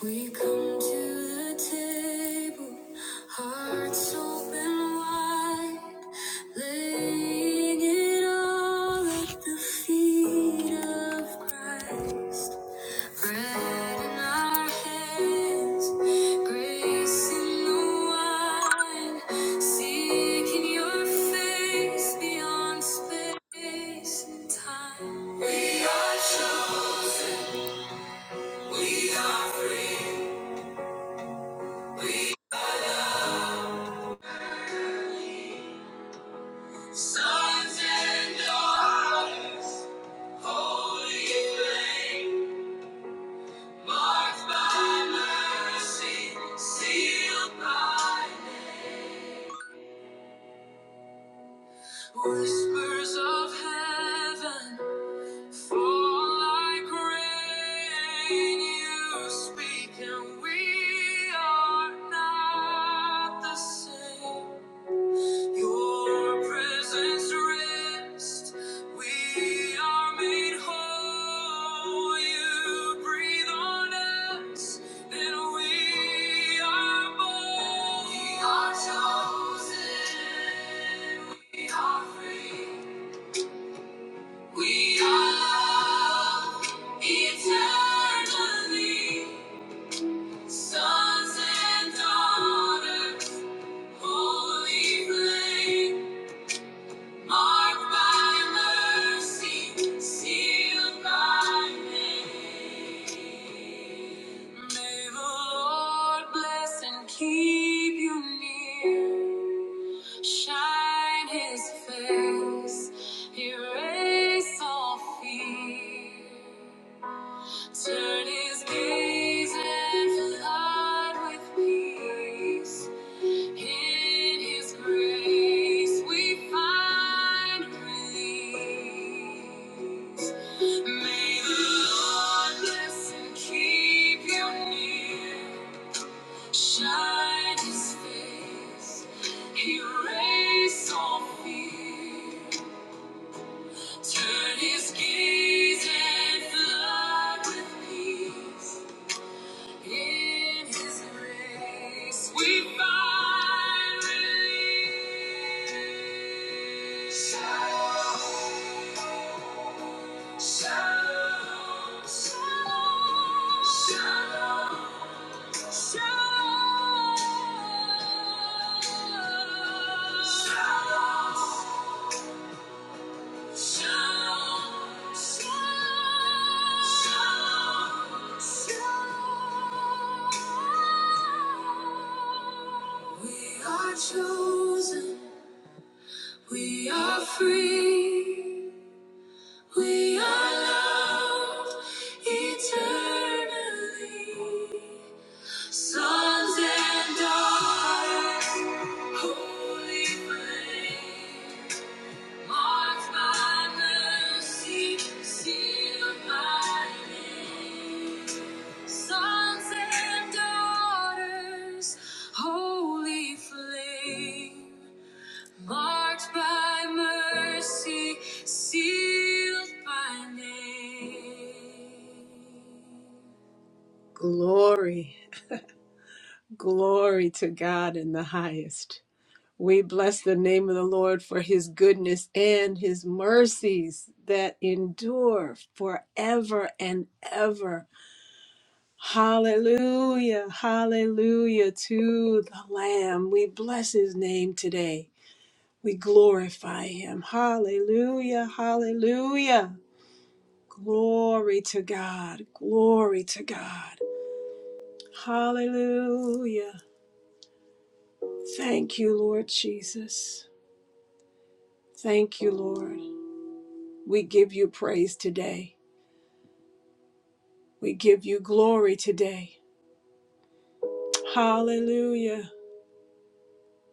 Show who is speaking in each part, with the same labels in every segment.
Speaker 1: We come to the table, hearts open wide, laying it all at the feet of Christ. Bread in our hands, grace in the wine, seeking your face beyond space and time. We are chosen, we are free. Sons and daughters, holy flame, marked by mercy, sealed by whispers of heaven, fall like rain. You speak, and we are not the same. Your presence rest. We are made whole. You breathe on us, and we are born. We are chosen. We are free. We are eternally sons and daughters, holy flame. Marked by mercy, sealed by name. May the Lord bless and keep you near. Shine His face, erase all fear. Turn His gaze and flood with peace. In His grace we find release. May the Lord bless and keep you near. Shine His face, erase all fear. Turn His gaze and flood with peace. In His grace we find relief. Shalom, shalom, shalom, shalom, shalom. shalom. Shalom, shalom, shalom. We are chosen, we are free, we are loved eternally. Sons and daughters, holy flame. Glory, glory to God in the highest. We bless the name of the Lord for his goodness and his mercies that endure forever and ever. Hallelujah, hallelujah to the Lamb. We bless his name today. We glorify him. Hallelujah, hallelujah. Glory to God, glory to God. Hallelujah. Thank you, Lord Jesus. Thank you, Lord. We give you praise today. We give you glory today. Hallelujah.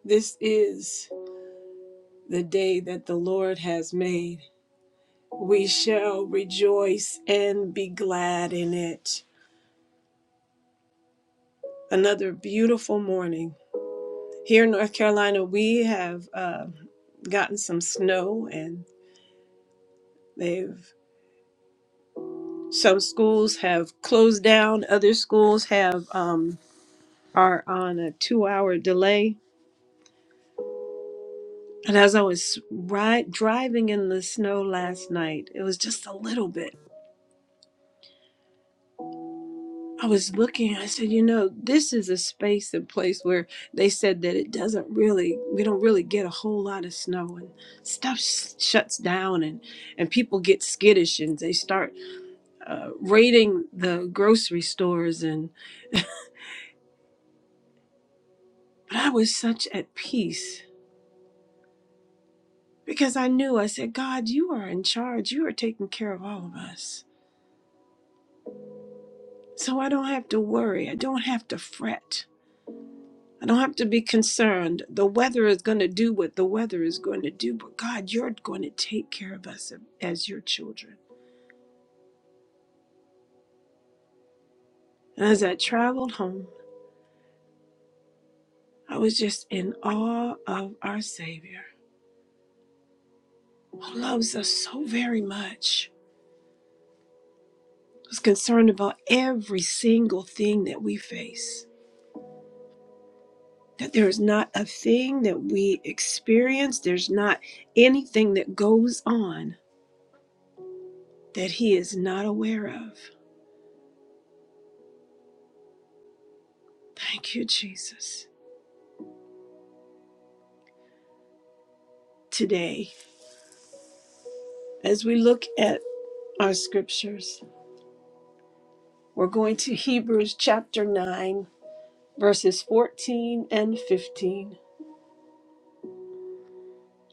Speaker 1: This is the day that the Lord has made. We shall rejoice and be glad in it. Another beautiful morning. Here in North Carolina, we have uh, gotten some snow and they've some schools have closed down other schools have um, are on a two hour delay And as I was ri driving in the snow last night, it was just a little bit. I was looking, I said, you know, this is a space and place where they said that it doesn't really, we don't really get a whole lot of snow and stuff s- shuts down and, and people get skittish and they start uh, raiding the grocery stores. And but I was such at peace because I knew, I said, God, you are in charge. You are taking care of all of us. So I don't have to worry. I don't have to fret. I don't have to be concerned. The weather is going to do what the weather is going to do, but God, you're going to take care of us as your children. And as I traveled home, I was just in awe of our Savior who loves us so very much, who's concerned about every single thing that we face. That there is not a thing that we experience, there's not anything that goes on that He is not aware of. Thank you, Jesus. Today, as we look at our scriptures, we're going to Hebrews chapter 9, verses 14 and 15,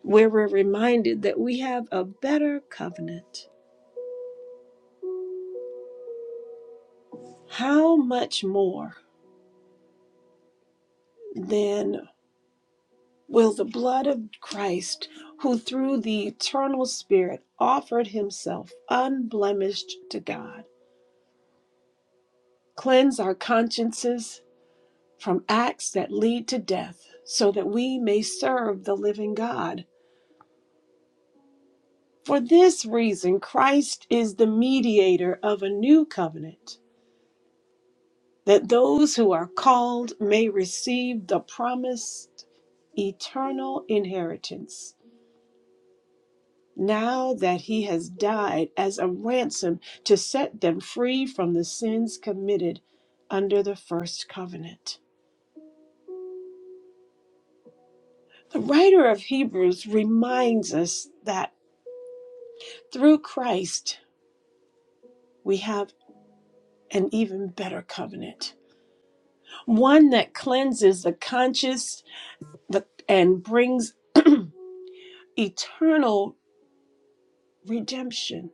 Speaker 1: where we're reminded that we have a better covenant. How much more then will the blood of Christ, who through the eternal Spirit offered himself unblemished to God, cleanse our consciences? from acts that lead to death, so that we may serve the living God. For this reason, Christ is the mediator of a new covenant, that those who are called may receive the promised eternal inheritance. Now that he has died as a ransom to set them free from the sins committed under the first covenant. The writer of Hebrews reminds us that through Christ, we have an even better covenant one that cleanses the conscience the, and brings eternal redemption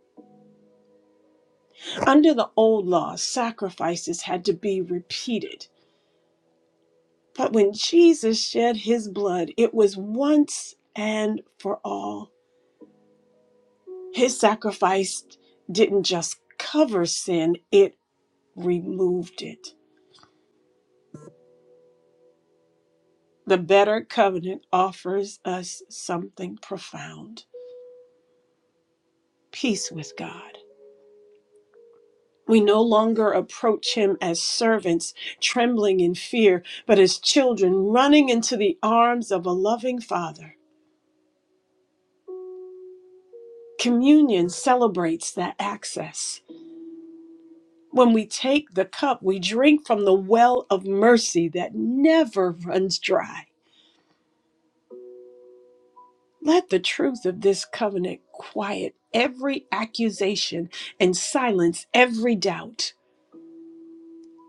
Speaker 1: under the old law sacrifices had to be repeated but when jesus shed his blood it was once and for all his sacrifice didn't just cover sin it removed it the better covenant offers us something profound peace with God. We no longer approach him as servants, trembling in fear, but as children running into the arms of a loving Father. Communion celebrates that access. When we take the cup, we drink from the well of mercy that never runs dry. Let the truth of this covenant quiet every accusation and silence every doubt.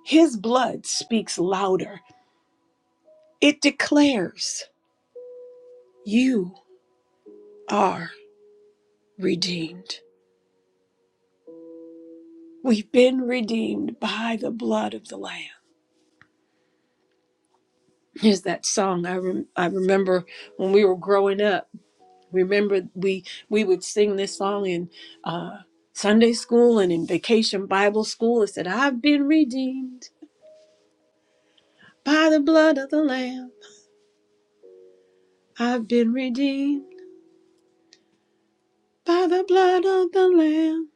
Speaker 1: His blood speaks louder, it declares. You are redeemed. We've been redeemed by the blood of the Lamb. There's that song I, rem- I remember when we were growing up. Remember, we, we would sing this song in uh, Sunday school and in vacation Bible school. It said, I've been redeemed by the blood of the Lamb. I've been redeemed by the blood of the Lamb.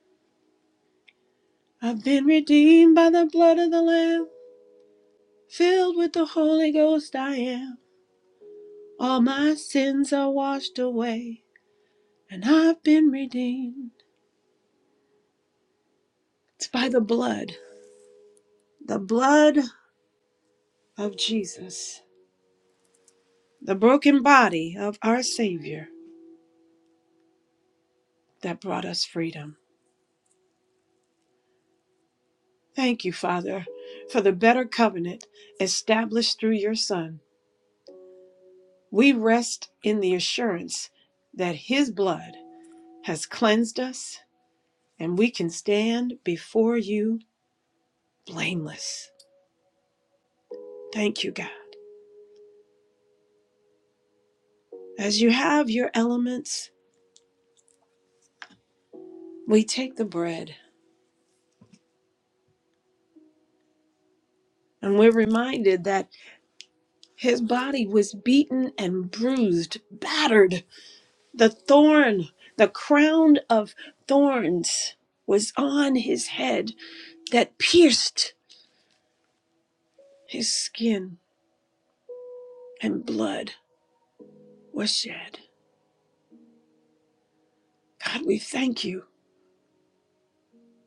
Speaker 1: I've been redeemed by the blood of the Lamb. Filled with the Holy Ghost, I am. All my sins are washed away, and I've been redeemed. It's by the blood, the blood of Jesus, the broken body of our Savior that brought us freedom. Thank you, Father, for the better covenant established through your Son. We rest in the assurance that His blood has cleansed us and we can stand before you blameless. Thank you, God. As you have your elements, we take the bread and we're reminded that his body was beaten and bruised, battered. The thorn, the crown of thorns was on his head that pierced his skin, and blood was shed. God, we thank you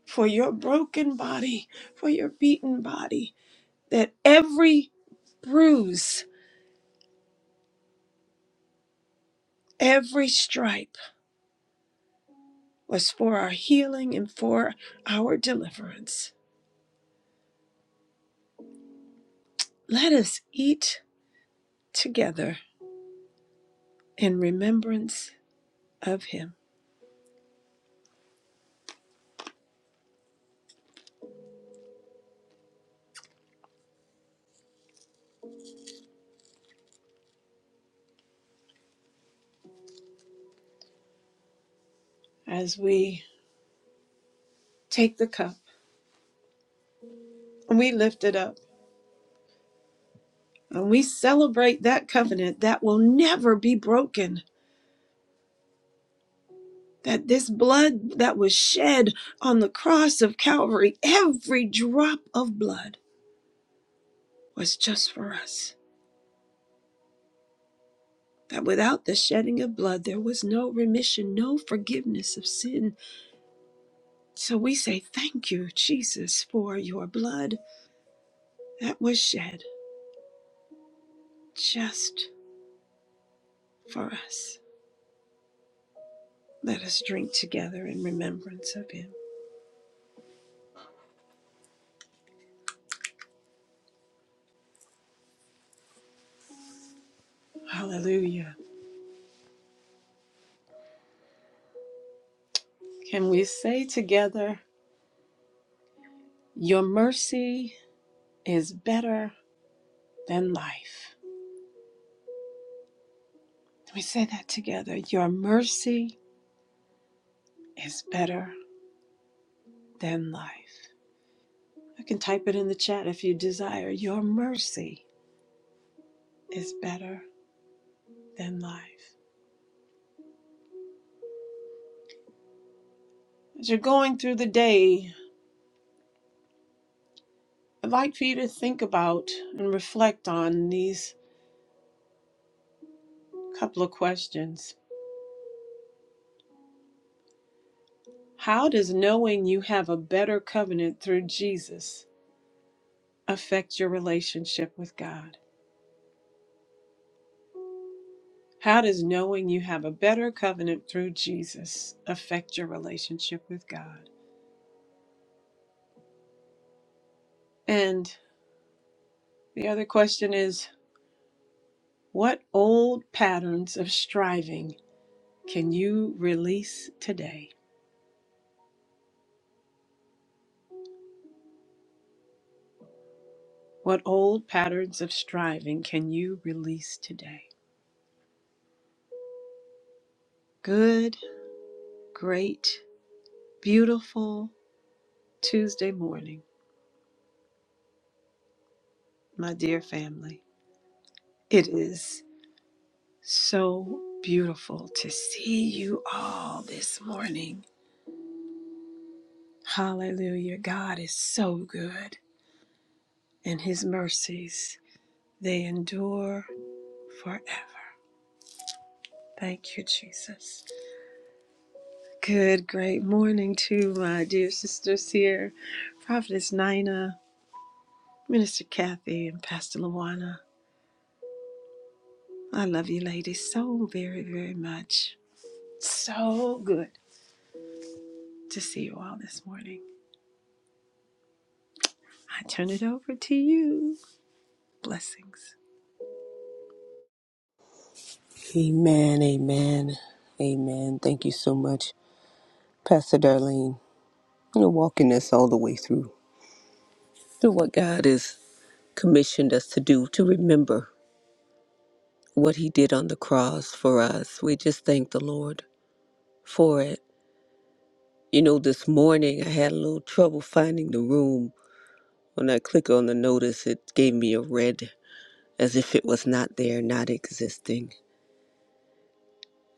Speaker 1: for your broken body, for your beaten body, that every bruise, every stripe was for our healing and for our deliverance. Let us eat together in remembrance of him as we take the cup and we lift it up and we celebrate that covenant that will never be broken. That this blood that was shed on the cross of Calvary, every drop of blood was just for us. That without the shedding of blood, there was no remission, no forgiveness of sin. So we say, Thank you, Jesus, for your blood that was shed just for us. Let us drink together in remembrance of him. Hallelujah. Can we say together, Your mercy is better than life? Can we say that together? Your mercy is better than life. You can type it in the chat if you desire. Your mercy is better than life. As you're going through the day, I'd like for you to think about and reflect on these couple of questions. How does knowing you have a better covenant through Jesus affect your relationship with God? How does knowing you have a better covenant through Jesus affect your relationship with God? And the other question is what old patterns of striving can you release today? What old patterns of striving can you release today? Good, great, beautiful Tuesday morning, my dear family. It is so beautiful to see you all this morning. Hallelujah. God is so good, and his mercies, they endure forever. Thank you, Jesus. Good, great morning to my dear sisters here, Prophetess Nina, Minister Kathy, and Pastor Luana. I love you, ladies, so very, very much. So good to see you all this morning. I turn it over to you. Blessings.
Speaker 2: Amen, amen, amen. Thank you so much, Pastor Darlene. You're walking us all the way through through what God has commissioned us to do, to remember what He did on the cross for us. We just thank the Lord for it. You know, this morning I had a little trouble finding the room. When I click on the notice, it gave me a red as if it was not there, not existing.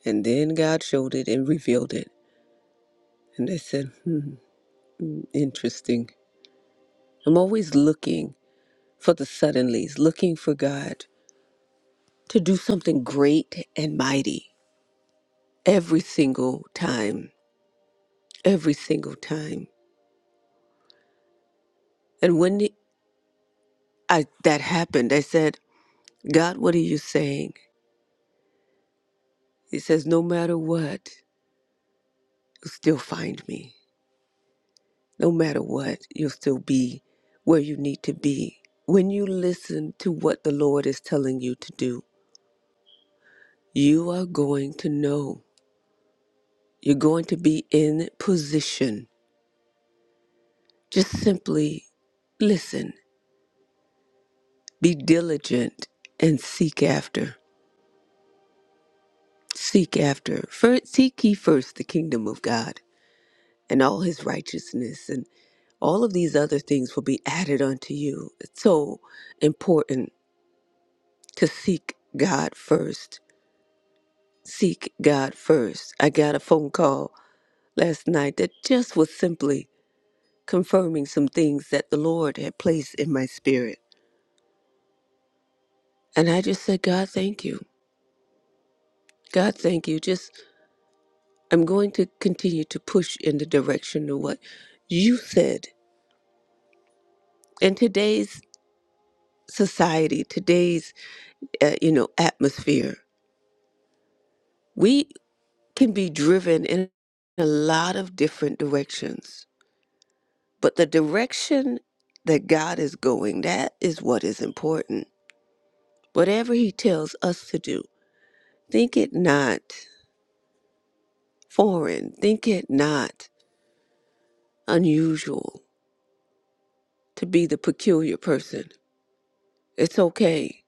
Speaker 2: And then God showed it and revealed it. And I said, hmm, interesting. I'm always looking for the suddenlies, looking for God to do something great and mighty every single time, every single time. And when the- I, that happened, I said, God, what are you saying? He says, No matter what, you'll still find me. No matter what, you'll still be where you need to be. When you listen to what the Lord is telling you to do, you are going to know. You're going to be in position. Just simply listen Be diligent and seek after. Seek after. First, seek ye first the kingdom of God and all his righteousness, and all of these other things will be added unto you. It's so important to seek God first. Seek God first. I got a phone call last night that just was simply confirming some things that the Lord had placed in my spirit. And I just said, God, thank you. God, thank you. Just I'm going to continue to push in the direction of what you said. In today's society, today's uh, you know atmosphere, we can be driven in a lot of different directions, but the direction that God is going, that is what is important. Whatever He tells us to do, think it not foreign, think it not unusual to be the peculiar person. It's okay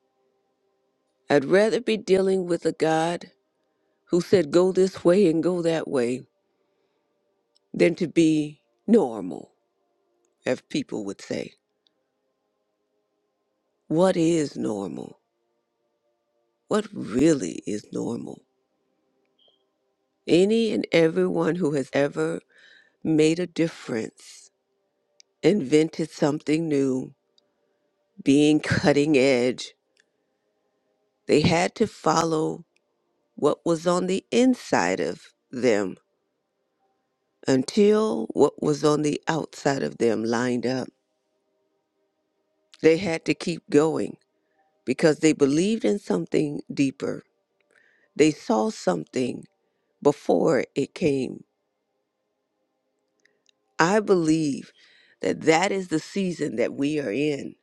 Speaker 2: I'd rather be dealing with a God who said go this way and go that way than to be normal, as people would say. What is normal? What really is normal? Any and everyone who has ever made a difference, invented something new, being cutting edge, they had to follow what was on the inside of them until what was on the outside of them lined up. They had to keep going because they believed in something deeper. They saw something before it came. I believe that that is the season that we are in.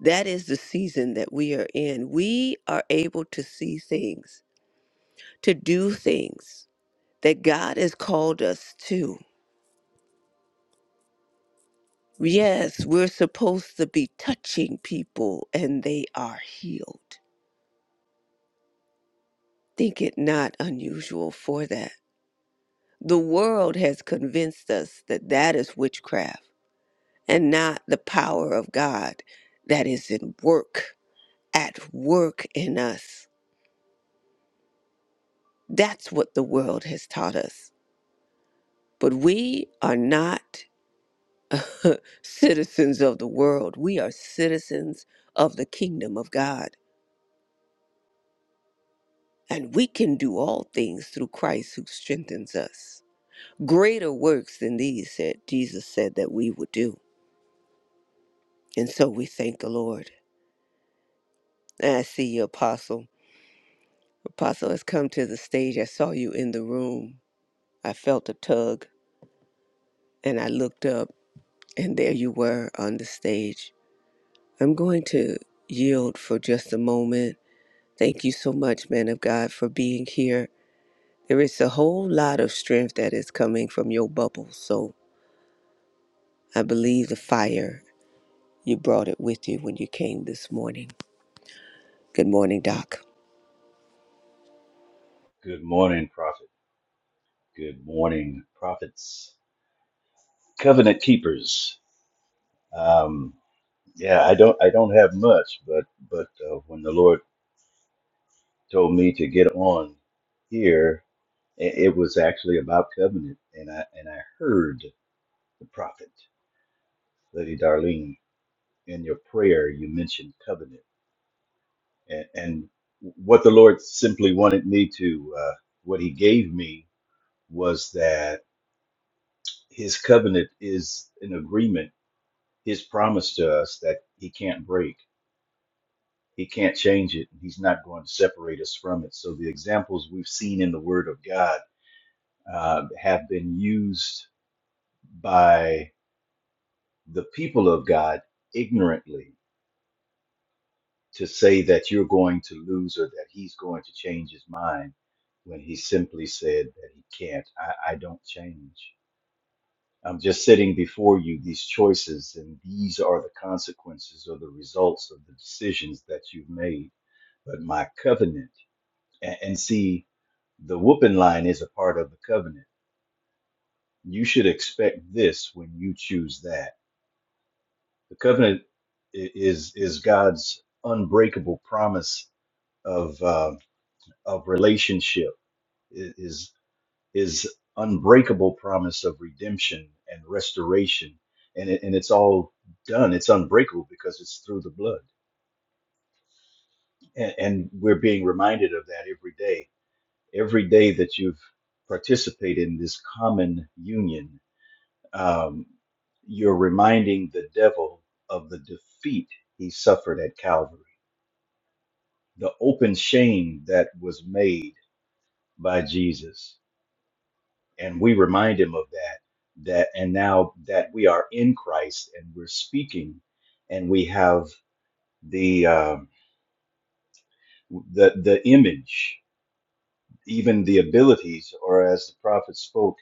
Speaker 2: That is the season that we are in. We are able to see things, to do things that God has called us to. Yes, we're supposed to be touching people and they are healed. Think it not unusual for that. The world has convinced us that that is witchcraft and not the power of God that is in work, at work in us. That's what the world has taught us. But we are not citizens of the world. We are citizens of the kingdom of God. And we can do all things through Christ who strengthens us. Greater works than these said Jesus said that we would do. And so we thank the Lord. And I see you, Apostle. Apostle has come to the stage. I saw you in the room. I felt a tug and I looked up, and there you were on the stage. I'm going to yield for just a moment. Thank you so much, man of God, for being here. There is a whole lot of strength that is coming from your bubble, so I believe the fire you brought it with you when you came this morning. Good morning, Doc.
Speaker 3: Good morning, Prophet. Good morning, prophets, covenant keepers. Um, yeah, I don't, I don't have much, but, but uh, when the Lord told me to get on here, it, it was actually about covenant, and I, and I heard the prophet, Lady Darlene, in your prayer, you mentioned covenant, and, and what the Lord simply wanted me to, uh, what He gave me was that His covenant is an agreement his promise to us that he can't break, he can't change it, and he's not going to separate us from it. So the examples we've seen in the Word of God uh, have been used by the people of God ignorantly to say that you're going to lose or that he's going to change his mind when he simply said that he can't. I, I don't change. I'm just sitting before you these choices, and these are the consequences or the results of the decisions that you've made but my covenant. And, and see, the whooping line is a part of the covenant. You should expect this when you choose that. The covenant i- is is God's unbreakable promise of uh, of relationship. i- Is His unbreakable promise of redemption and restoration, and it, and it's all done. It's unbreakable because it's through the blood, and, and we're being reminded of that every day every day that you've participated in this common union, um, you're reminding the devil of the defeat he suffered at Calvary, the open shame that was made by Jesus. And we remind him of that, that, and now that we are in Christ and we're speaking and we have the, um, the, the image even the abilities, or as the prophet spoke,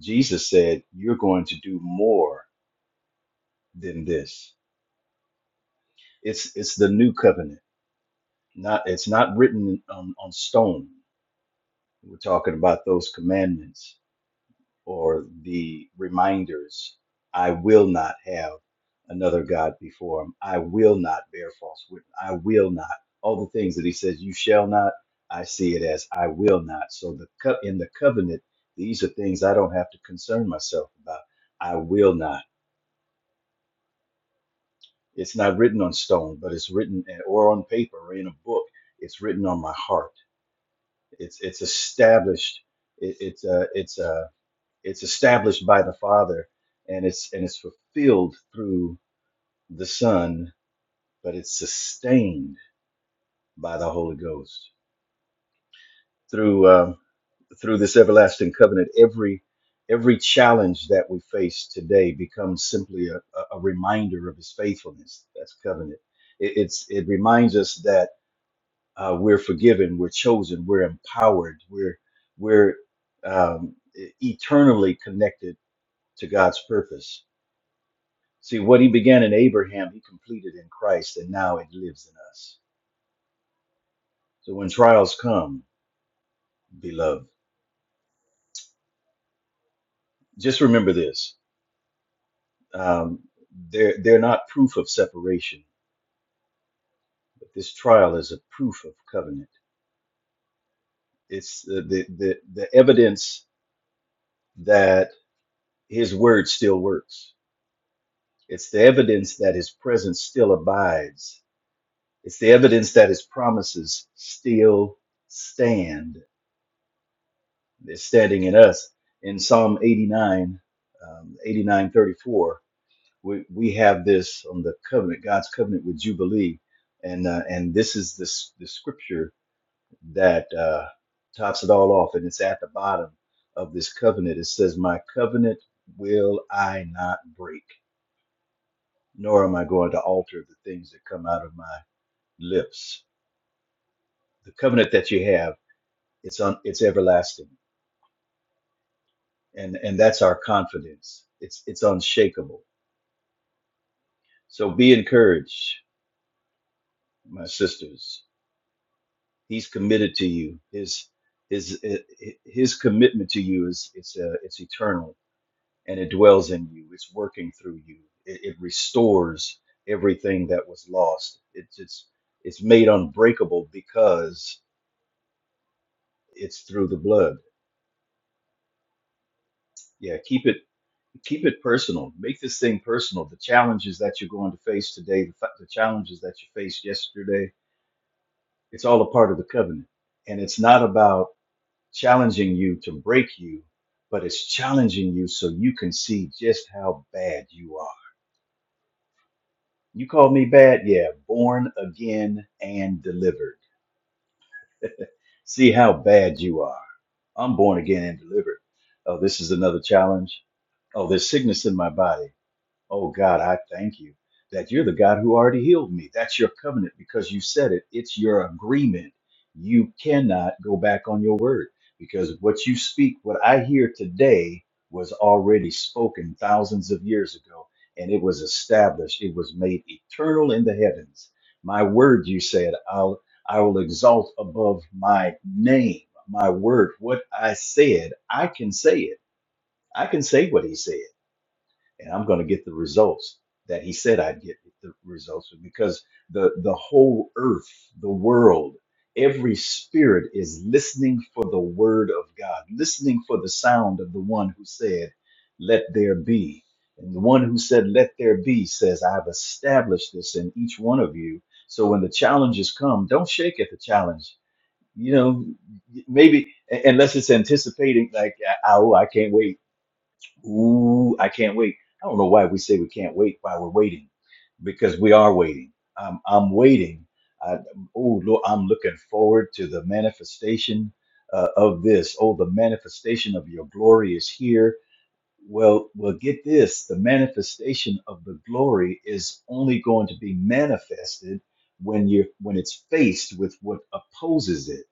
Speaker 3: Jesus said, "You're going to do more than this." It's it's the new covenant. Not it's not written on, on stone. We're talking about those commandments or the reminders I will not have another God before him. I will not bear false witness. I will not. All the things that he says, you shall not, I see it as I will not. So the co- in the covenant, these are things I don't have to concern myself about. I will not. It's not written on stone, but it's written eh, or on paper or in a book. It's written on my heart. It's it's established. It, it's uh, it's uh, it's established by the Father and it's and it's fulfilled through the Son, but it's sustained by the Holy Ghost through uh, through this everlasting covenant. Every every challenge that we face today becomes simply a, a a reminder of His faithfulness. That's covenant. It, it's it reminds us that uh, we're forgiven, we're chosen, we're empowered, we're we're um, e- eternally connected to God's purpose See, what he began in Abraham, he completed in Christ, and now it lives in us. So when trials come, beloved, just remember this. Um, they're, they're not proof of separation, but this trial is a proof of covenant. It's the, the, the, the evidence that his word still works, it's the evidence that his presence still abides, it's the evidence that his promises still stand is standing in us. In Psalm 89, um, 89 thirty-four, we, we have this on the covenant, God's covenant with Jubilee. And, uh, and this is this, the scripture that uh, tops it all off. And it's at the bottom of this covenant. It says, My covenant will I not break, nor am I going to alter the things that come out of my lips. The covenant that you have, it's, on, it's everlasting. And, and that's our confidence. It's, it's unshakable So be encouraged, my sisters. He's committed to you. His his his commitment to you is it's uh, it's eternal, and it dwells in you. It's working through you. It, it restores everything that was lost. It's it's it's made unbreakable because it's through the blood. Yeah, keep it keep it personal. Make this thing personal. The challenges that you're going to face today, the, fa- the challenges that you faced yesterday, it's all a part of the covenant, and it's not about challenging you to break you, but it's challenging you so you can see just how bad you are. You call me bad? Yeah, born again and delivered. See how bad you are. I'm born again and delivered. Oh, this is another challenge. Oh, there's sickness in my body. Oh God, I thank you that you're the God who already healed me. That's your covenant because you said it. It's your agreement. You cannot go back on your word because what you speak, what I hear today, was already spoken thousands of years ago and it was established. It was made eternal in the heavens. My word, you said, I'll, I will exalt above my name, my word. What I said, I can say it. I can say what he said and I'm going to get the results that he said I'd get the results because the the whole earth, the world, every spirit is listening for the word of God, listening for the sound of the one who said, "Let there be." And the one who said, "Let there be," says, "I've established this in each one of you." So when the challenges come, don't shake at the challenge. You know, maybe unless it's anticipating like, "Oh, I can't wait." Ooh, I can't wait. I don't know why we say we can't wait while we're waiting, because we are waiting. I'm, I'm waiting. I, oh, Lord, I'm looking forward to the manifestation uh, of this. Oh, the manifestation of your glory is here. Well, well, get this: the manifestation of the glory is only going to be manifested when you when it's faced with what opposes it.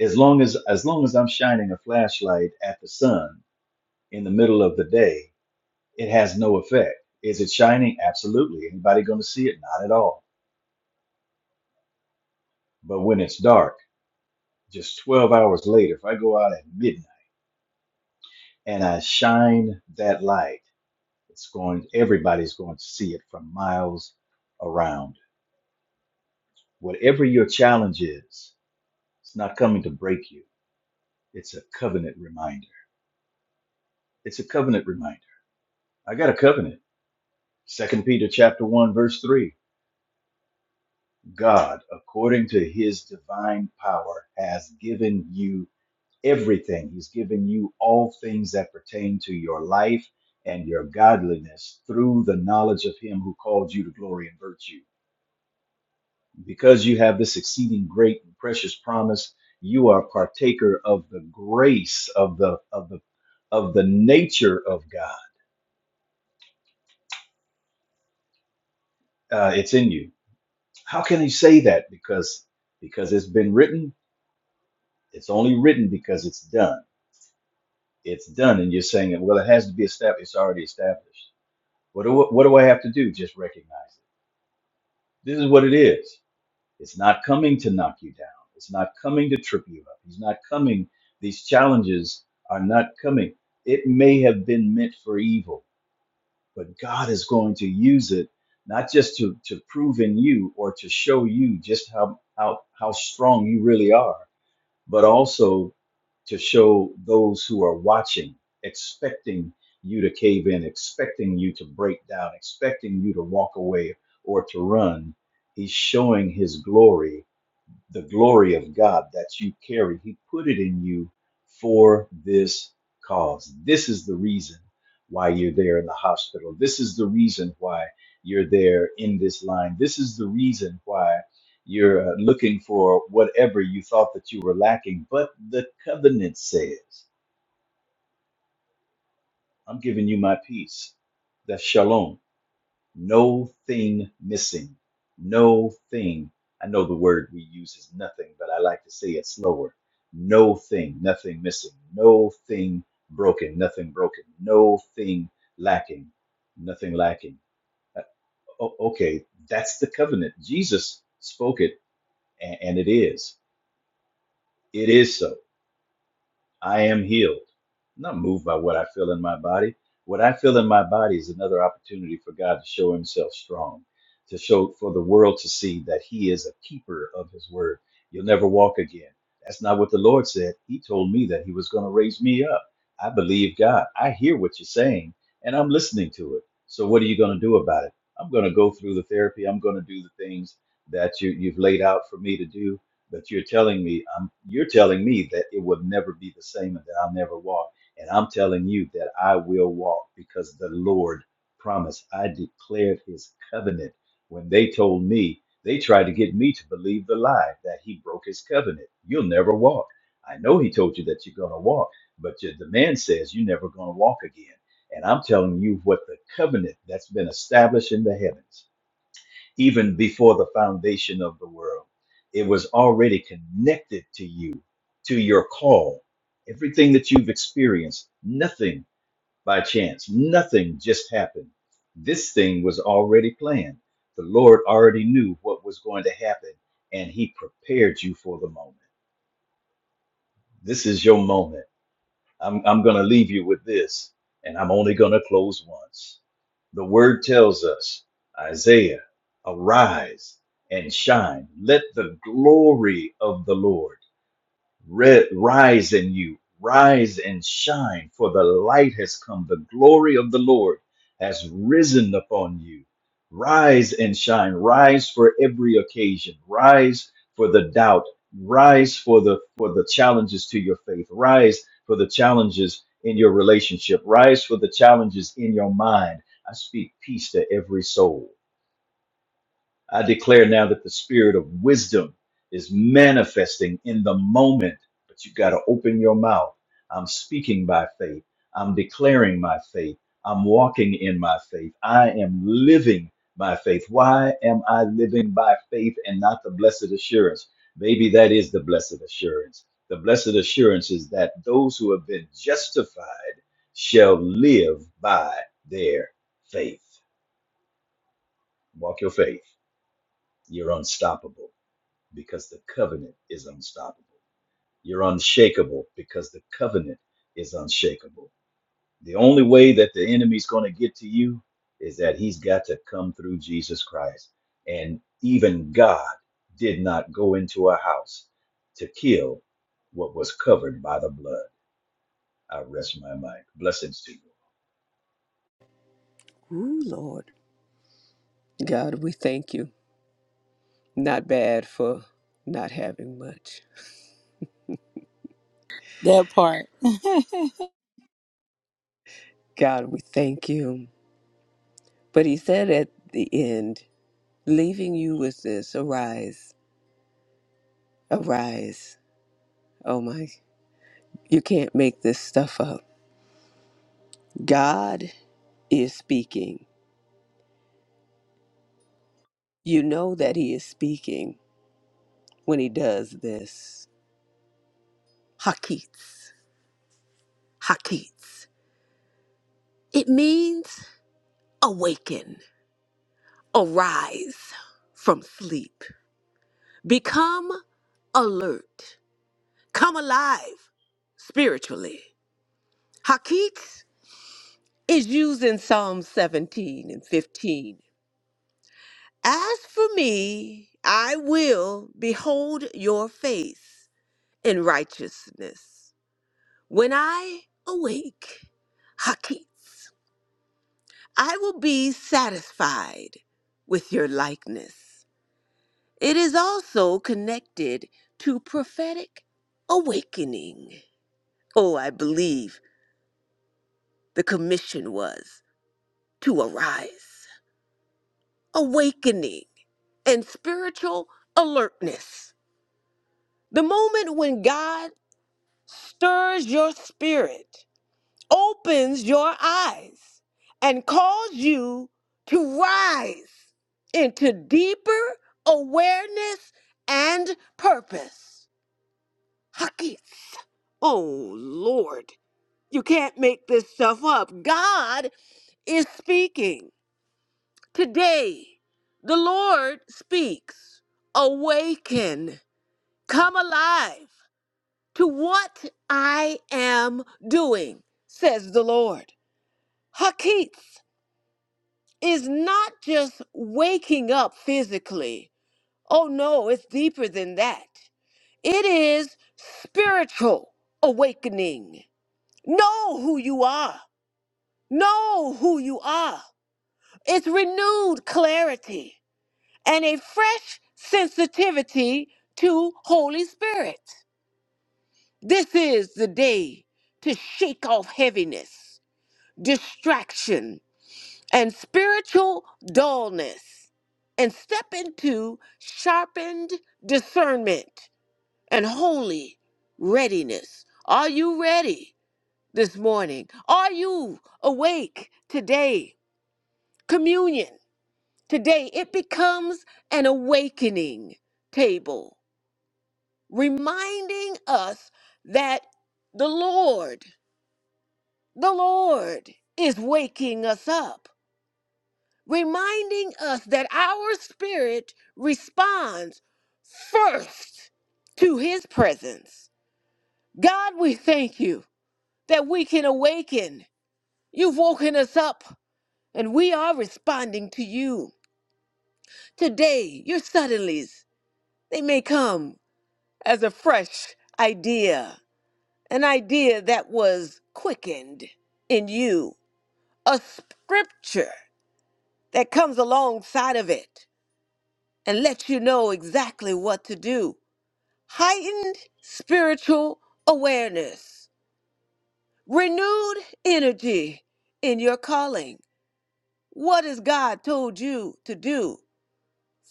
Speaker 3: As long as as long as I'm shining a flashlight at the sun in the middle of the day it has no effect. Is it shining? Absolutely. Anybody going to see it? Not at all. But when it's dark, just 12 hours later, if I go out at midnight and I shine that light, it's going, everybody's going to see it from miles around. Whatever your challenge is, it's not coming to break you. It's a covenant reminder. It's a covenant reminder. I got a covenant. Second Peter chapter one, verse three. God, according to his divine power, has given you everything. He's given you all things that pertain to your life and your godliness through the knowledge of him who called you to glory and virtue. Because you have this exceeding great and precious promise, you are partaker of the grace of the of the of the nature of God. Uh, it's in you. How can he say that? Because because it's been written. It's only written because it's done. It's done, and you're saying, well, it has to be established. It's already established What do, what do I have to do? Just recognize it. This is what it is. It's not coming to knock you down. It's not coming to trip you up. It's not coming. These challenges are not coming. It may have been meant for evil, but God is going to use it not just to, to prove in you or to show you just how, how, how strong you really are but also to show those who are watching, expecting you to cave in, expecting you to break down, expecting you to walk away or to run. He's showing his glory the glory of God that you carry. He put it in you for this cause. This is the reason why you're there in the hospital. This is the reason why you're there in this line. This is the reason why you're uh, looking for whatever you thought that you were lacking. But the covenant says, I'm giving you my peace. That's shalom no thing missing, no thing. I know the word we use is nothing, but I like to say it slower. No thing, nothing missing, no thing broken, nothing broken, no thing lacking, nothing lacking. Uh, o- okay, that's the covenant. Jesus spoke it, a- and it is. It is so. I am healed. I'm not moved by what I feel in my body. What I feel in my body is another opportunity for God to show himself strong, to show for the world to see that he is a keeper of his word. You'll never walk again. That's not what the Lord said. He told me that he was going to raise me up. I believe God. I hear what you're saying and I'm listening to it. So what are you going to do about it? I'm going to go through the therapy. I'm going to do the things that you, you've laid out for me to do but you're telling me, i you're telling me that it will never be the same and that I'll never walk. And I'm telling you that I will walk because the Lord promised. I declared his covenant. When they told me, they tried to get me to believe the lie that he broke his covenant. You'll never walk. I know he told you that you're going to walk, but your- the man says you're never going to walk again. And I'm telling you what the covenant that's been established in the heavens even before the foundation of the world. It was already connected to you, to your call. Everything that you've experienced, nothing by chance, nothing just happened. This thing was already planned. The Lord already knew what was going to happen, and He prepared you for the moment. This is your moment I'm, I'm going to leave you with this, and I'm only going to close once. The word tells us, Isaiah, arise and shine. Let the glory of the Lord Re- rise in you, rise and shine, for the light has come. The glory of the Lord has risen upon you. Rise and shine, rise for every occasion, rise for the doubt, rise for the for the challenges to your faith, rise for the challenges in your relationship, rise for the challenges in your mind. I speak peace to every soul. I declare now that the spirit of wisdom is manifesting in the moment, but you got to open your mouth. I'm speaking by faith. I'm declaring my faith. I'm walking in my faith. I am living by faith. Why am I living by faith and not the blessed assurance? Maybe that is the blessed assurance. The blessed assurance is that those who have been justified shall live by their faith. Walk your faith. You're unstoppable because the covenant is unstoppable. You're unshakable because the covenant is unshakable. The only way that the enemy's going to get to you is that he's got to come through Jesus Christ. And even God did not go into a house to kill what was covered by the blood. I rest my mind. Blessings to you.
Speaker 2: Ooh, Lord. God, we thank you. Not bad for not having much.
Speaker 4: That part.
Speaker 2: God, we thank you. But he said at the end, leaving you with this arise, arise. Oh my, you can't make this stuff up. God is speaking. You know that He is speaking when He does this. Hakits, hakits. It means awaken, arise from sleep, become alert, come alive spiritually. Hakits is used in Psalm 17 and 15 As for me, I will behold your face in righteousness. When I awake, Hakits, I will be satisfied with your likeness. It is also connected to prophetic awakening. Oh, I believe the commission was to arise, awakening, and spiritual alertness. The moment when God stirs your spirit, opens your eyes, and calls you to rise into deeper awareness and purpose. Hakis. Oh, Lord, you can't make this stuff up. God is speaking. Today, the Lord speaks. Awaken, come alive. to what I am doing, says the Lord. Hakits is not just waking up physically. Oh no, it's deeper than that. It is spiritual awakening. Know who you are. Know who you are. It's renewed clarity and a fresh sensitivity to Holy Spirit. This is the day to shake off heaviness. distraction, and spiritual dullness, and step into sharpened discernment and holy readiness. Are you ready this morning? Are you awake today? Communion today, it becomes an awakening table, reminding us that the Lord, the Lord is waking us up reminding us that our spirit responds first to his presence. God, we thank you that we can awaken. You've woken us up and we are responding to you. Today, your suddenlies, they may come as a fresh idea, an idea that was quickened in you, a scripture that comes alongside of it and lets you know exactly what to do heightened spiritual awareness, renewed energy in your calling. What has God told you to do?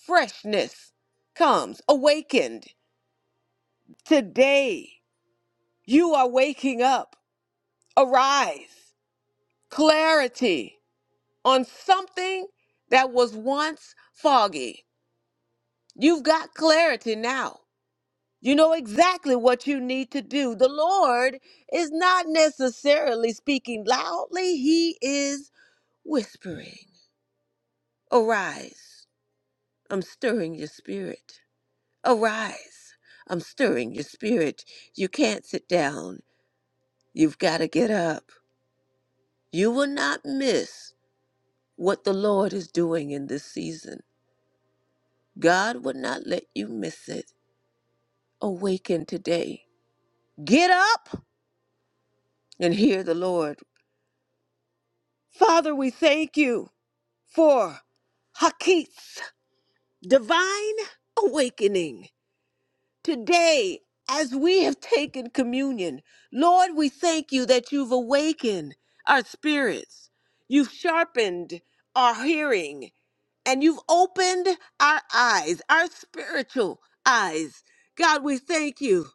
Speaker 2: Freshness comes, awakened. Today, you are waking up. Arise, clarity on something that was once foggy. You've got clarity now. You know exactly what you need to do. The Lord is not necessarily speaking loudly, He is whispering. Arise, I'm stirring your spirit. Arise, I'm stirring your spirit. You can't sit down, you've got to get up. You will not miss what the Lord is doing in this season. God would not let you miss it. Awaken today. Get up and hear the Lord. Father, we thank you. for Hakit's divine awakening today as we have taken communion. Lord, we thank you that you've awakened our spirits, you've sharpened our hearing, and you've opened our eyes, our spiritual eyes. God, we thank you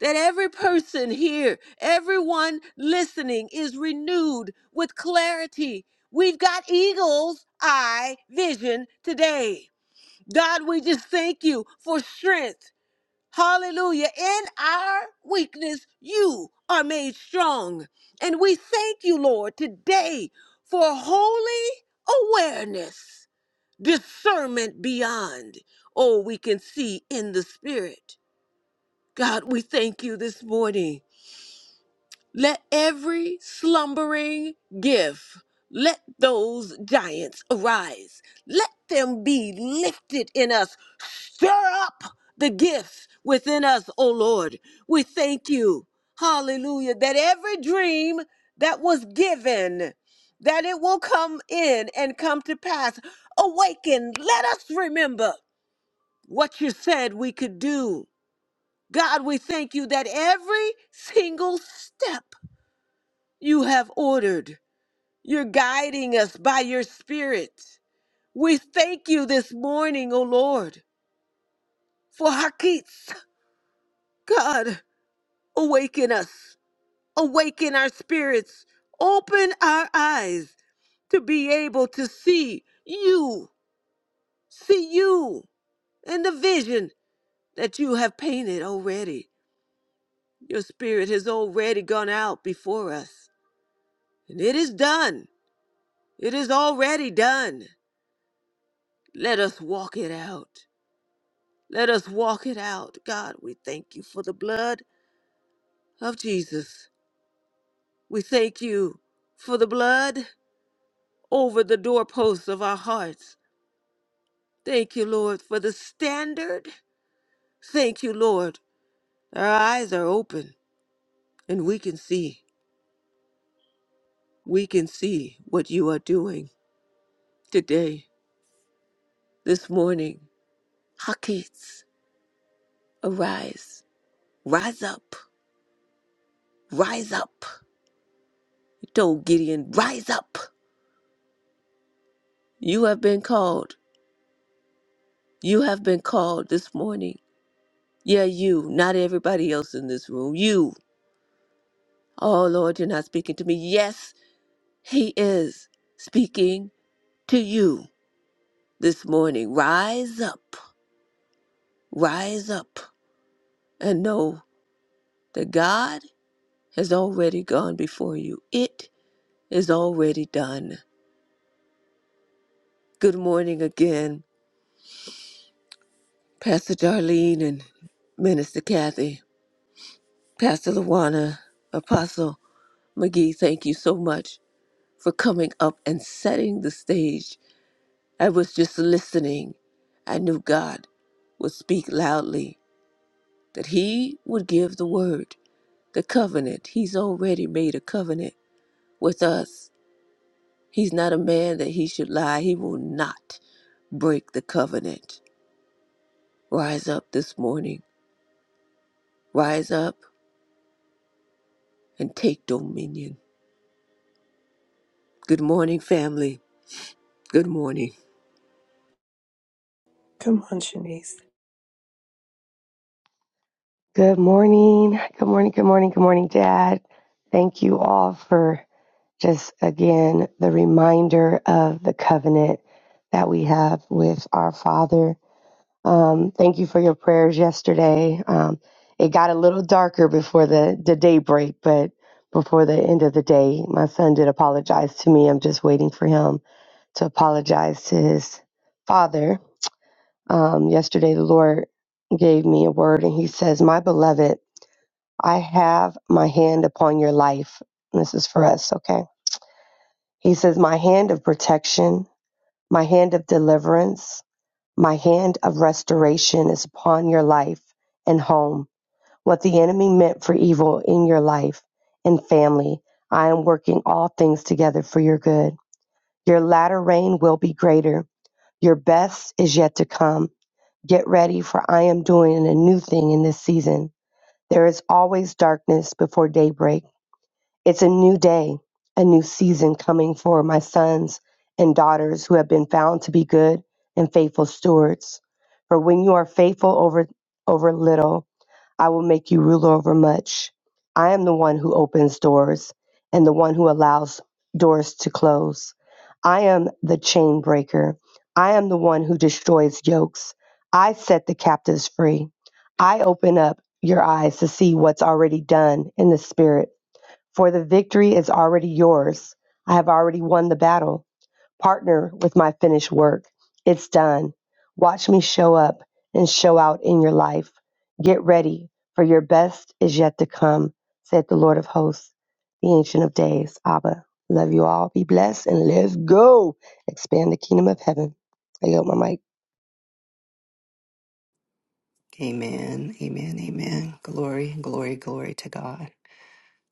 Speaker 2: that every person here, everyone listening is renewed with clarity. We've got eagle's eye vision today. God, we just thank you for strength. Hallelujah. In our weakness, you are made strong. And we thank you, Lord, today for holy awareness discernment beyond all we can see in the spirit. God, we thank you this morning. Let every slumbering gift, let those giants arise. Let them be lifted in us. Stir up the gifts within us, O Lord. We thank you. Hallelujah. That every dream that was given, that it will come in and come to pass. Awaken. Let us remember what you said we could do. God, we thank you that every single step you have ordered, you're guiding us by your Spirit. We thank you this morning, O Lord, for Hakits. God, awaken us, awaken our spirits, open our eyes to be able to see you, see you, and the vision that you have painted already. Your spirit has already gone out before us, and it is done. It is already done. Let us walk it out. Let us walk it out. God, we thank you for the blood of Jesus. We thank you for the blood over the doorposts of our hearts. Thank you, Lord, for the standard. Thank you, Lord. Our eyes are open and we can see. We can see what you are doing today, this morning. Hakits. Arise, rise up, rise up. He told Gideon, Rise up. You have been called. You have been called this morning. Yeah, you, not everybody else in this room. You. Oh, Lord, you're not speaking to me. Yes, He is speaking to you this morning. Rise up, rise up, and know that God has already gone before you. It is already done. Good morning again. Pastor Darlene and Minister Kathy, Pastor Luana, Apostle McGee, thank you so much for coming up and setting the stage. I was just listening. I knew God would speak loudly, that He would give the word, the covenant. He's already made a covenant with us. He's not a man that he should lie. He will not break the covenant. Rise up this morning. Rise up and take dominion. Good morning, family. Good morning.
Speaker 1: Come on, Shanice.
Speaker 5: Good morning. Good morning. Good morning. Good morning, Dad. Thank you all for just again the reminder of the covenant that we have with our Father. Um, thank you for your prayers yesterday. Um, it got a little darker before the, the day but before the end of the day, my son did apologize to me. I'm just waiting for him to apologize to his father. Um, yesterday, the Lord gave me a word, and he says, My beloved, I have my hand upon your life. This is for us, okay? He says, My hand of protection, my hand of deliverance, my hand of restoration is upon your life and home. What the enemy meant for evil in your life and family, I am working all things together for your good. Your latter rain will be greater. Your best is yet to come. Get ready, for I am doing a new thing in this season. There is always darkness before daybreak It's a new day, a new season coming for my sons and daughters who have been found to be good and faithful stewards. For when you are faithful over, over little, I will make you ruler over much. I am the one who opens doors and the one who allows doors to close. I am the chain breaker. I am the one who destroys yokes. I set the captives free. I open up your eyes to see what's already done in the spirit for the victory is already yours. I have already won the battle. Partner with my finished work. It's done. Watch me show up and show out in your life. Get ready, for your best is yet to come, said the Lord of hosts, the Ancient of Days. Abba, love you all. Be blessed and let's go. Expand the kingdom of heaven. I yield my mic.
Speaker 6: Amen. Amen. Amen. Glory, glory, glory to God.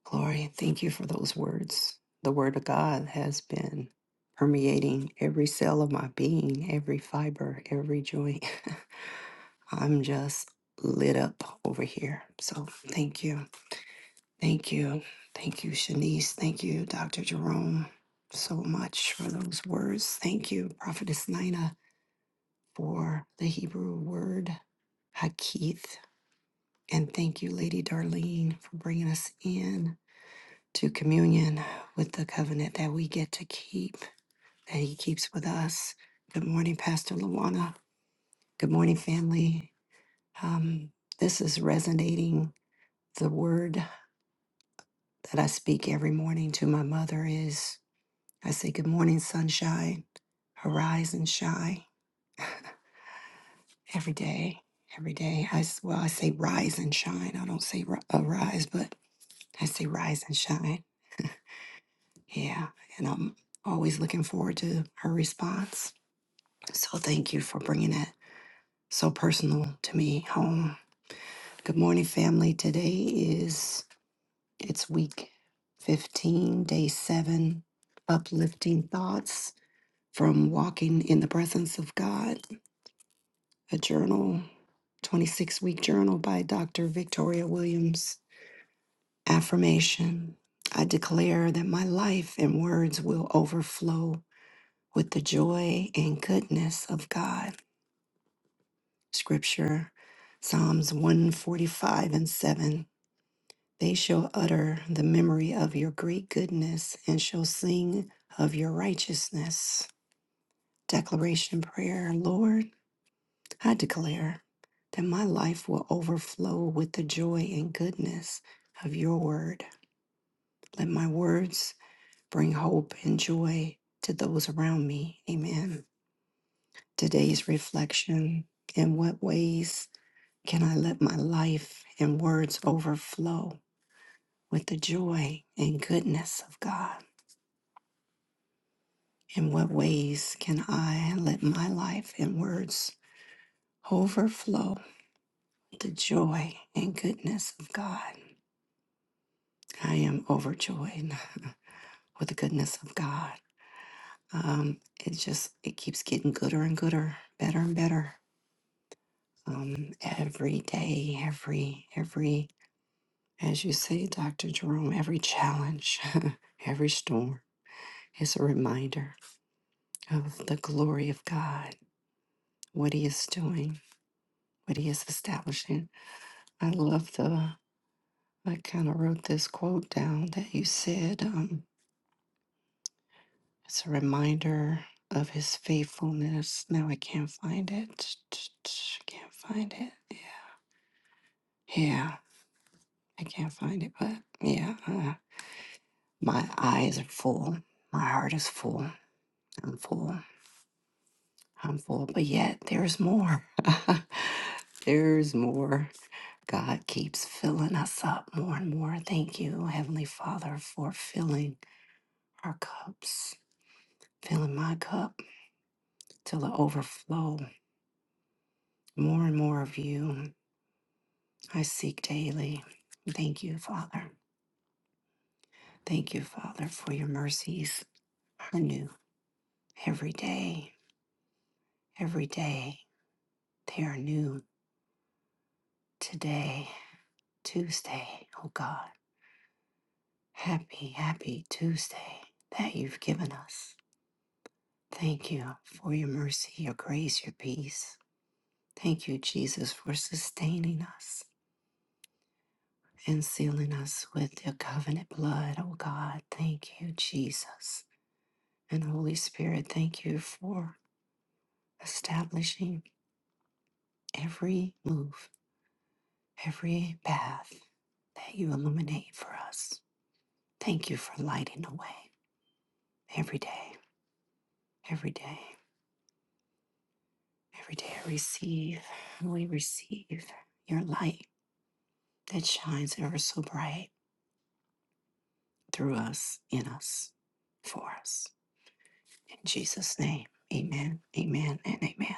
Speaker 6: Glory. Thank you for those words. The word of God has been permeating every cell of my being, every fiber, every joint. I'm just lit up over here. So thank you. Thank you. Thank you, Shanice. Thank you, Dr. Jerome, so much for those words. Thank you, Prophetess Nina, for the Hebrew word Hakith. And thank you, Lady Darlene, for bringing us in to communion with the covenant that we get to keep, that He keeps with us. Good morning, Pastor Luana. Good morning, family. Um, this is resonating. The word that I speak every morning to my mother is I say, Good morning, sunshine, arise and shine every day. Every day, I s- well, I say rise and shine. I don't say ri- arise, but I say rise and shine Yeah, and I'm always looking forward to her response. So thank you for bringing that so personal to me home. Good morning, family. Today is it's week 15, day 7, uplifting thoughts from walking in the presence of God, a journal, 26-week journal by Dr. Victoria Williams. Affirmation. I declare that my life and words will overflow with the joy and goodness of God. Scripture, Psalms 145 and 7. They shall utter the memory of your great goodness and shall sing of your righteousness. Declaration prayer Lord, I declare that my life will overflow with the joy and goodness of your word. Let my words bring hope and joy to those around me. Amen. Today's reflection in what ways? Can I let my life and words overflow with the joy and goodness of God? In what ways can I let my life and words overflow with the joy and goodness of God? I am overjoyed with the goodness of God. Um, it just it keeps getting gooder and gooder, better and better. Um, every day, every every as you say, Dr. Jerome, every challenge, every storm. is a reminder of the glory of God, what He is doing, what He is establishing. I love the, I kind of wrote this quote down that you said. Um, it's a reminder of His faithfulness. Now I can't find it. Can't find it. Yeah, Yeah, I can't find it, but yeah, uh, my eyes are full. My heart is full. I'm full. I'm full, but yet there's more. there's more. God keeps filling us up more and more. Thank you, Heavenly Father, for filling our cups, filling my cup till it overflow. More and more of you I seek daily. Thank you, Father. Thank you, Father, for your mercies are new every day. Every day they are new. Today, Tuesday, oh God, happy, happy Tuesday that you've given us. Thank you for your mercy, your grace, your peace. Thank you, Jesus, for sustaining us and sealing us with your covenant blood, oh God. Thank you, Jesus. And Holy Spirit, thank you for establishing every move, every path that you illuminate for us. Thank you for lighting the way every day, every day, every day. I receive, we receive your light that shines ever so bright through us, in us, for us. In Jesus' name, amen, amen, and amen.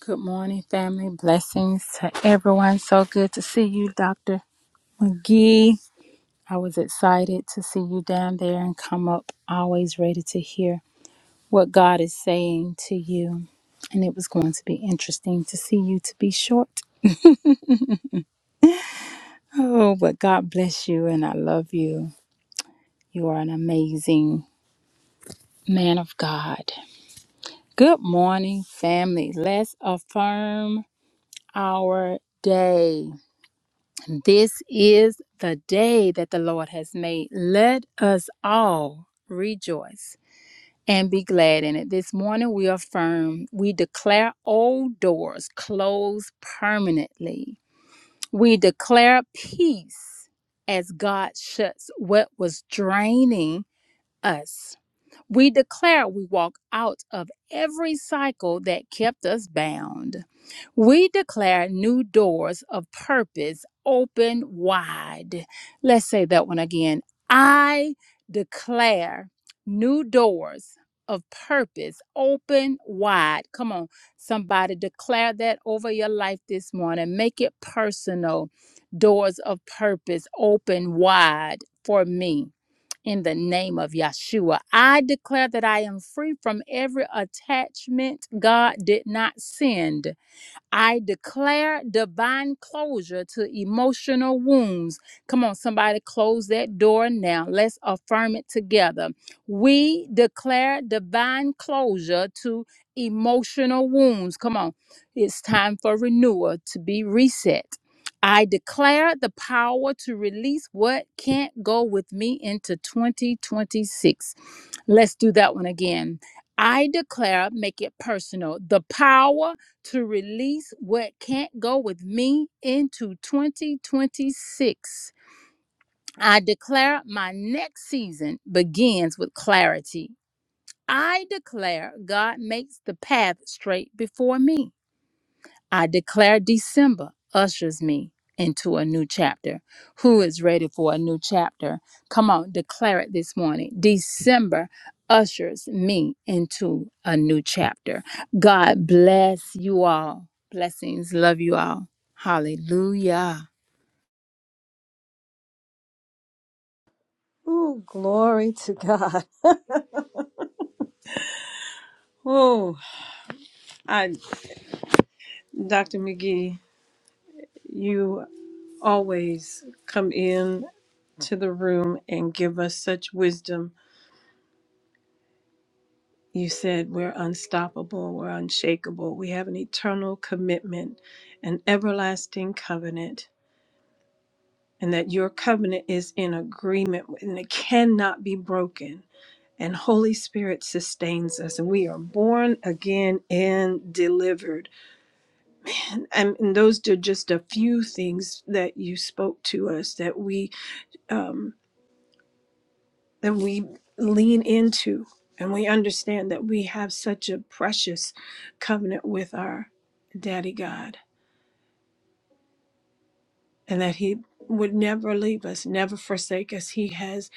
Speaker 4: Good morning, family. Blessings to everyone. So good to see you, Dr. McGee. I was excited to see you down there and come up, always ready to hear what God is saying to you. And it was going to be interesting to see you to be short. Oh, but God bless you and I love you. You are an amazing man of God. Good morning, family. Let's affirm our day. This is the day that the Lord has made. Let us all rejoice and be glad in it. This morning we affirm, we declare old doors closed permanently. We declare peace as God shuts what was draining us. We declare we walk out of every cycle that kept us bound. We declare new doors of purpose open wide. Let's say that one again. I declare new doors of purpose open wide. Come on, somebody declare that over your life this morning. Make it personal. Doors of purpose open wide for me in the name of Yeshua. I declare that I am free from every attachment God did not send I declare divine closure to emotional wounds. Come on, somebody, close that door now. Let's affirm it together. We declare divine closure to emotional wounds. Come on, it's time for renewal to be reset. I declare the power to release what can't go with me into 2026. Let's do that one again. I declare, make it personal, the power to release what can't go with me into 2026. I declare my next season begins with clarity. I declare God makes the path straight before me. I declare December ushers me into a new chapter. Who is ready for a new chapter? Come on, declare it this morning. December ushers me into a new chapter. God bless you all. Blessings. Love you all. Hallelujah.
Speaker 1: Ooh, glory to God. Oh, I, Dr. McGee, you always come in to the room and give us such wisdom. You said we're unstoppable, we're unshakable, we have an eternal commitment, an everlasting covenant, and that your covenant is in agreement with- and it cannot be broken. And Holy Spirit sustains us, and we are born again and delivered. and, and those are just a few things that you spoke to us that we um, that we lean into and we understand that we have such a precious covenant with our daddy god and that he would never leave us never forsake us he has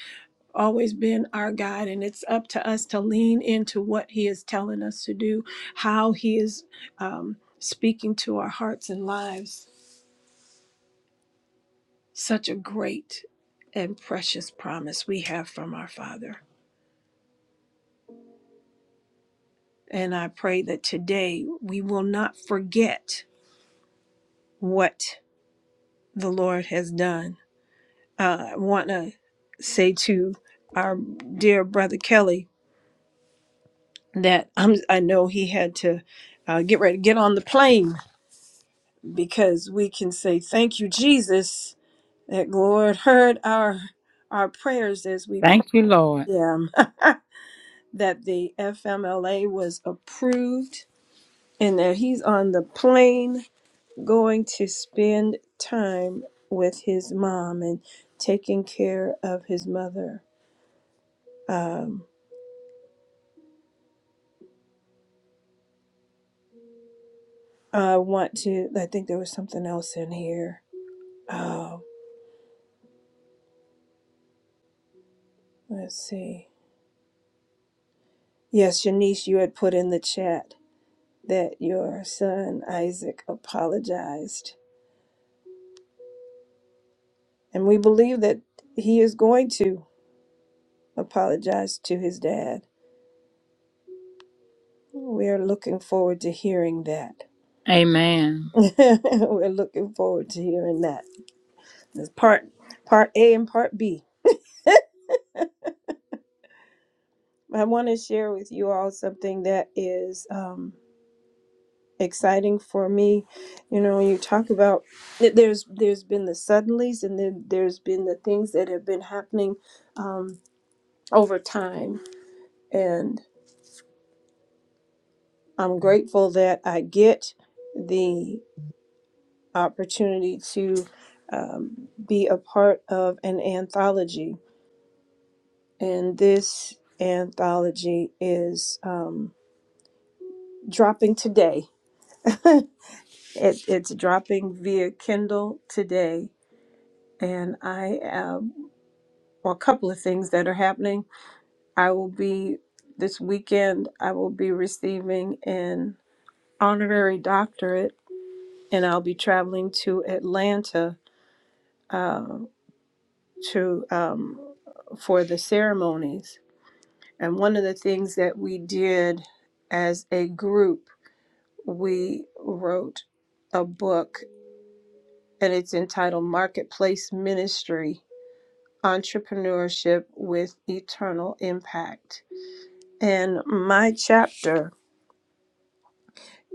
Speaker 1: always been our guide and it's up to us to lean into what he is telling us to do how he is um, speaking to our hearts and lives Such a great and precious promise we have from our Father. And I pray that today we will not forget what the Lord has done. Uh, I want to say to our dear brother Kelly that I'm, I know he had to uh, get ready to get on the plane because we can say, Thank you, Jesus, that Lord heard our our prayers as we prayed
Speaker 4: Thank you, Lord.
Speaker 1: them, that the FMLA was approved and that he's on the plane going to spend time with his mom and taking care of his mother. Um, I want to, I think there was something else in here. Oh, let's see. Yes, Shanice, you had put in the chat that your son Isaac apologized. And we believe that he is going to apologize to his dad. We are looking forward to hearing that.
Speaker 4: Amen.
Speaker 1: We're looking forward to hearing that. This part part A and part B. I want to share with you all something that is um, exciting for me. You know, when you talk about th- there's there's been the suddenlies and then there's been the things that have been happening um, over time, and I'm grateful that I get the opportunity to um, be a part of an anthology and this anthology is um, dropping today. it, it's dropping via Kindle today, and I um, well, a couple of things that are happening. I will be this weekend. I will be receiving an honorary doctorate, and I'll be traveling to Atlanta uh, to um, for the ceremonies. And one of the things that we did as a group we wrote a book and it's entitled Marketplace Ministry Entrepreneurship with Eternal Impact. And my chapter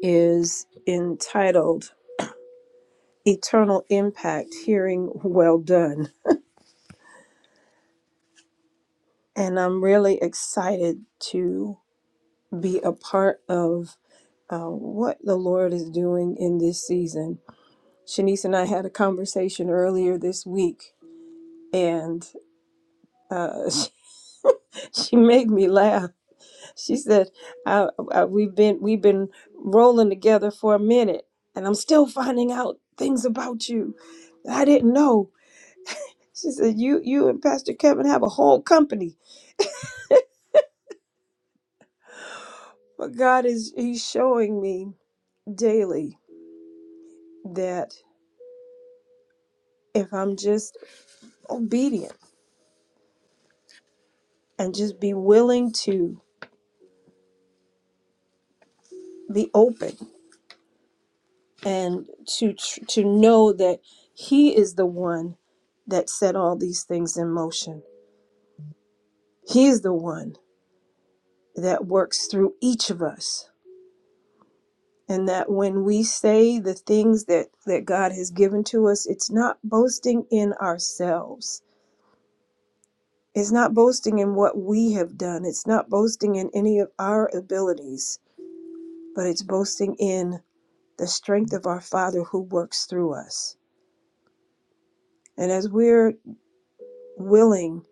Speaker 1: is entitled Eternal Impact Hearing Well Done. And I'm really excited to be a part of uh, what the Lord is doing in this season. Shanice and I had a conversation earlier this week, and uh, she made me laugh. She said, I, I, "We've been we've been rolling together for a minute, and I'm still finding out things about you that I didn't know." She said, "You you and Pastor Kevin have a whole company, but God is He's showing me daily that if I'm just obedient and just be willing to be open and to tr- to know that He is the one that set all these things in motion." He's the one that works through each of us. And that when we say the things that, that God has given to us, it's not boasting in ourselves. It's not boasting in what we have done. It's not boasting in any of our abilities, but it's boasting in the strength of our Father who works through us. And as we're willing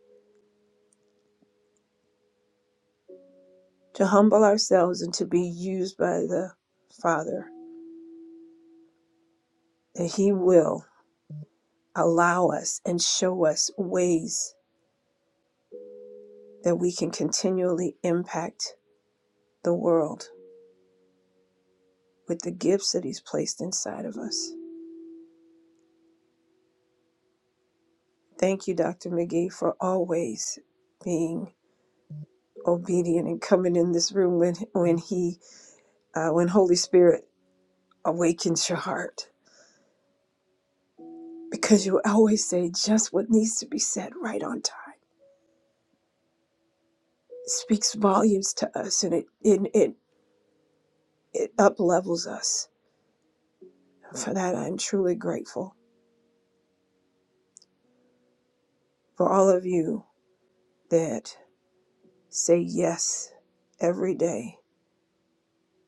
Speaker 1: to humble ourselves and to be used by the Father, that He will allow us and show us ways that we can continually impact the world with the gifts that He's placed inside of us. Thank you, Dr. McGee, for always being obedient and coming in this room when when He uh, when Holy Spirit awakens your heart, because you always say just what needs to be said right on time. It speaks volumes to us, and it it it, it up levels us. For that, I'm truly grateful for all of you that say yes every day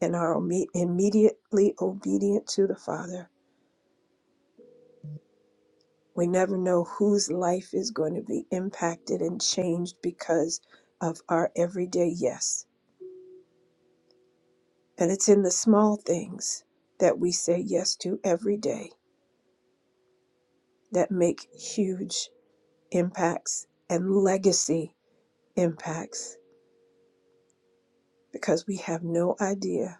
Speaker 1: and are immediately obedient to the Father. We never know whose life is going to be impacted and changed because of our everyday yes. And it's in the small things that we say yes to every day that make huge impacts and legacy impacts because we have no idea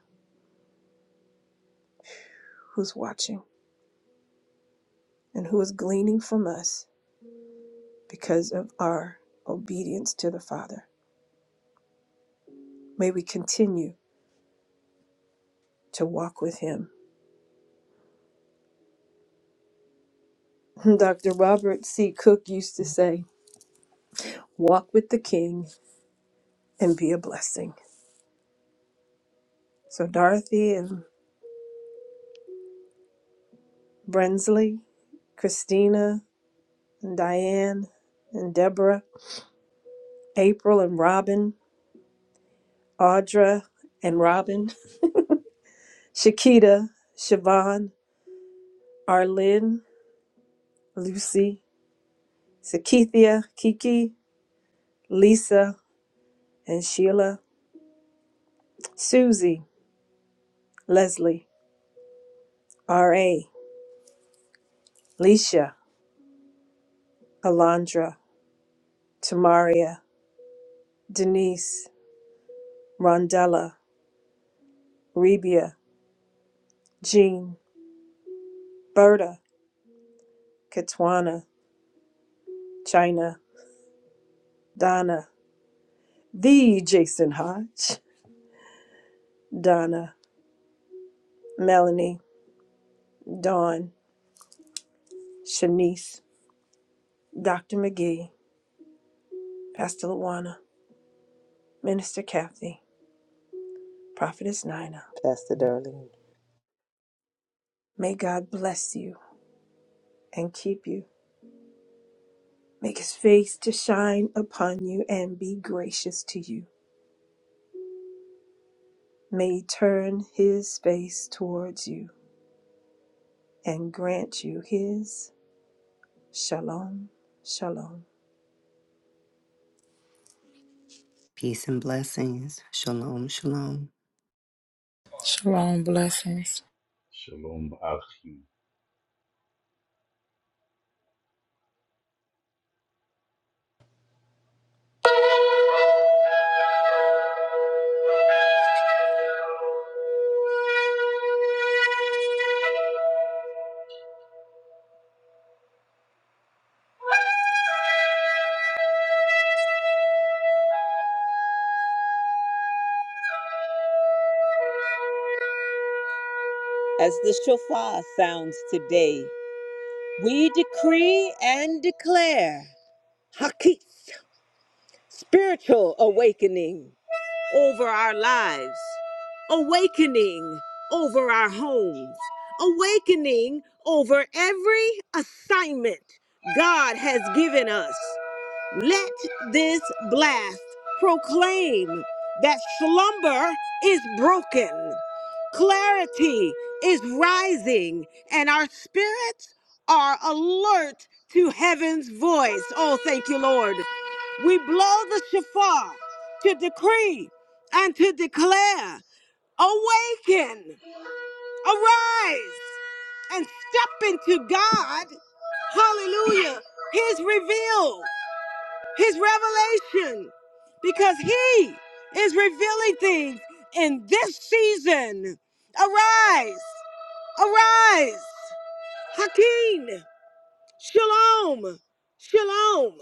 Speaker 1: who's watching and who is gleaning from us because of our obedience to the Father. May we continue to walk with Him Dr. Robert C. Cook used to say, Walk with the King and be a blessing. So, Dorothy and Brensley, Christina and Diane and Deborah, April and Robin, Audra and Robin, Shakita, Siobhan, Arlene, Lucy, Sakithia, Kiki, Lisa and Sheila, Susie, Leslie, R.A., Leisha, Alondra, Tamaria, Denise, Rondella, Rebia, Jean, Berta, Katwana, China, Donna, the Jason Hodge, Donna, Melanie, Dawn, Shanice, Dr. McGee, Pastor Luana, Minister Kathy, Prophetess Nina. May God bless you and keep you. Make his face to shine upon you and be gracious to you. May he turn his face towards you and grant you his Shalom, shalom.
Speaker 6: Peace and blessings. Shalom, shalom.
Speaker 4: Shalom. Blessings.
Speaker 3: Shalom, Achi.
Speaker 2: As the shofar sounds today, we decree and declare Hakit, spiritual awakening. over our lives, awakening over our homes, awakening over every assignment God has given us. Let this blast proclaim that slumber is broken, clarity is rising, and our spirits are alert to heaven's voice. Oh, thank you, Lord. We blow the shofar to decree and to declare, awaken, arise, and step into God. Hallelujah. His reveal, his revelation, because he is revealing things in this season. Arise, arise. Hakeem. Shalom. Shalom.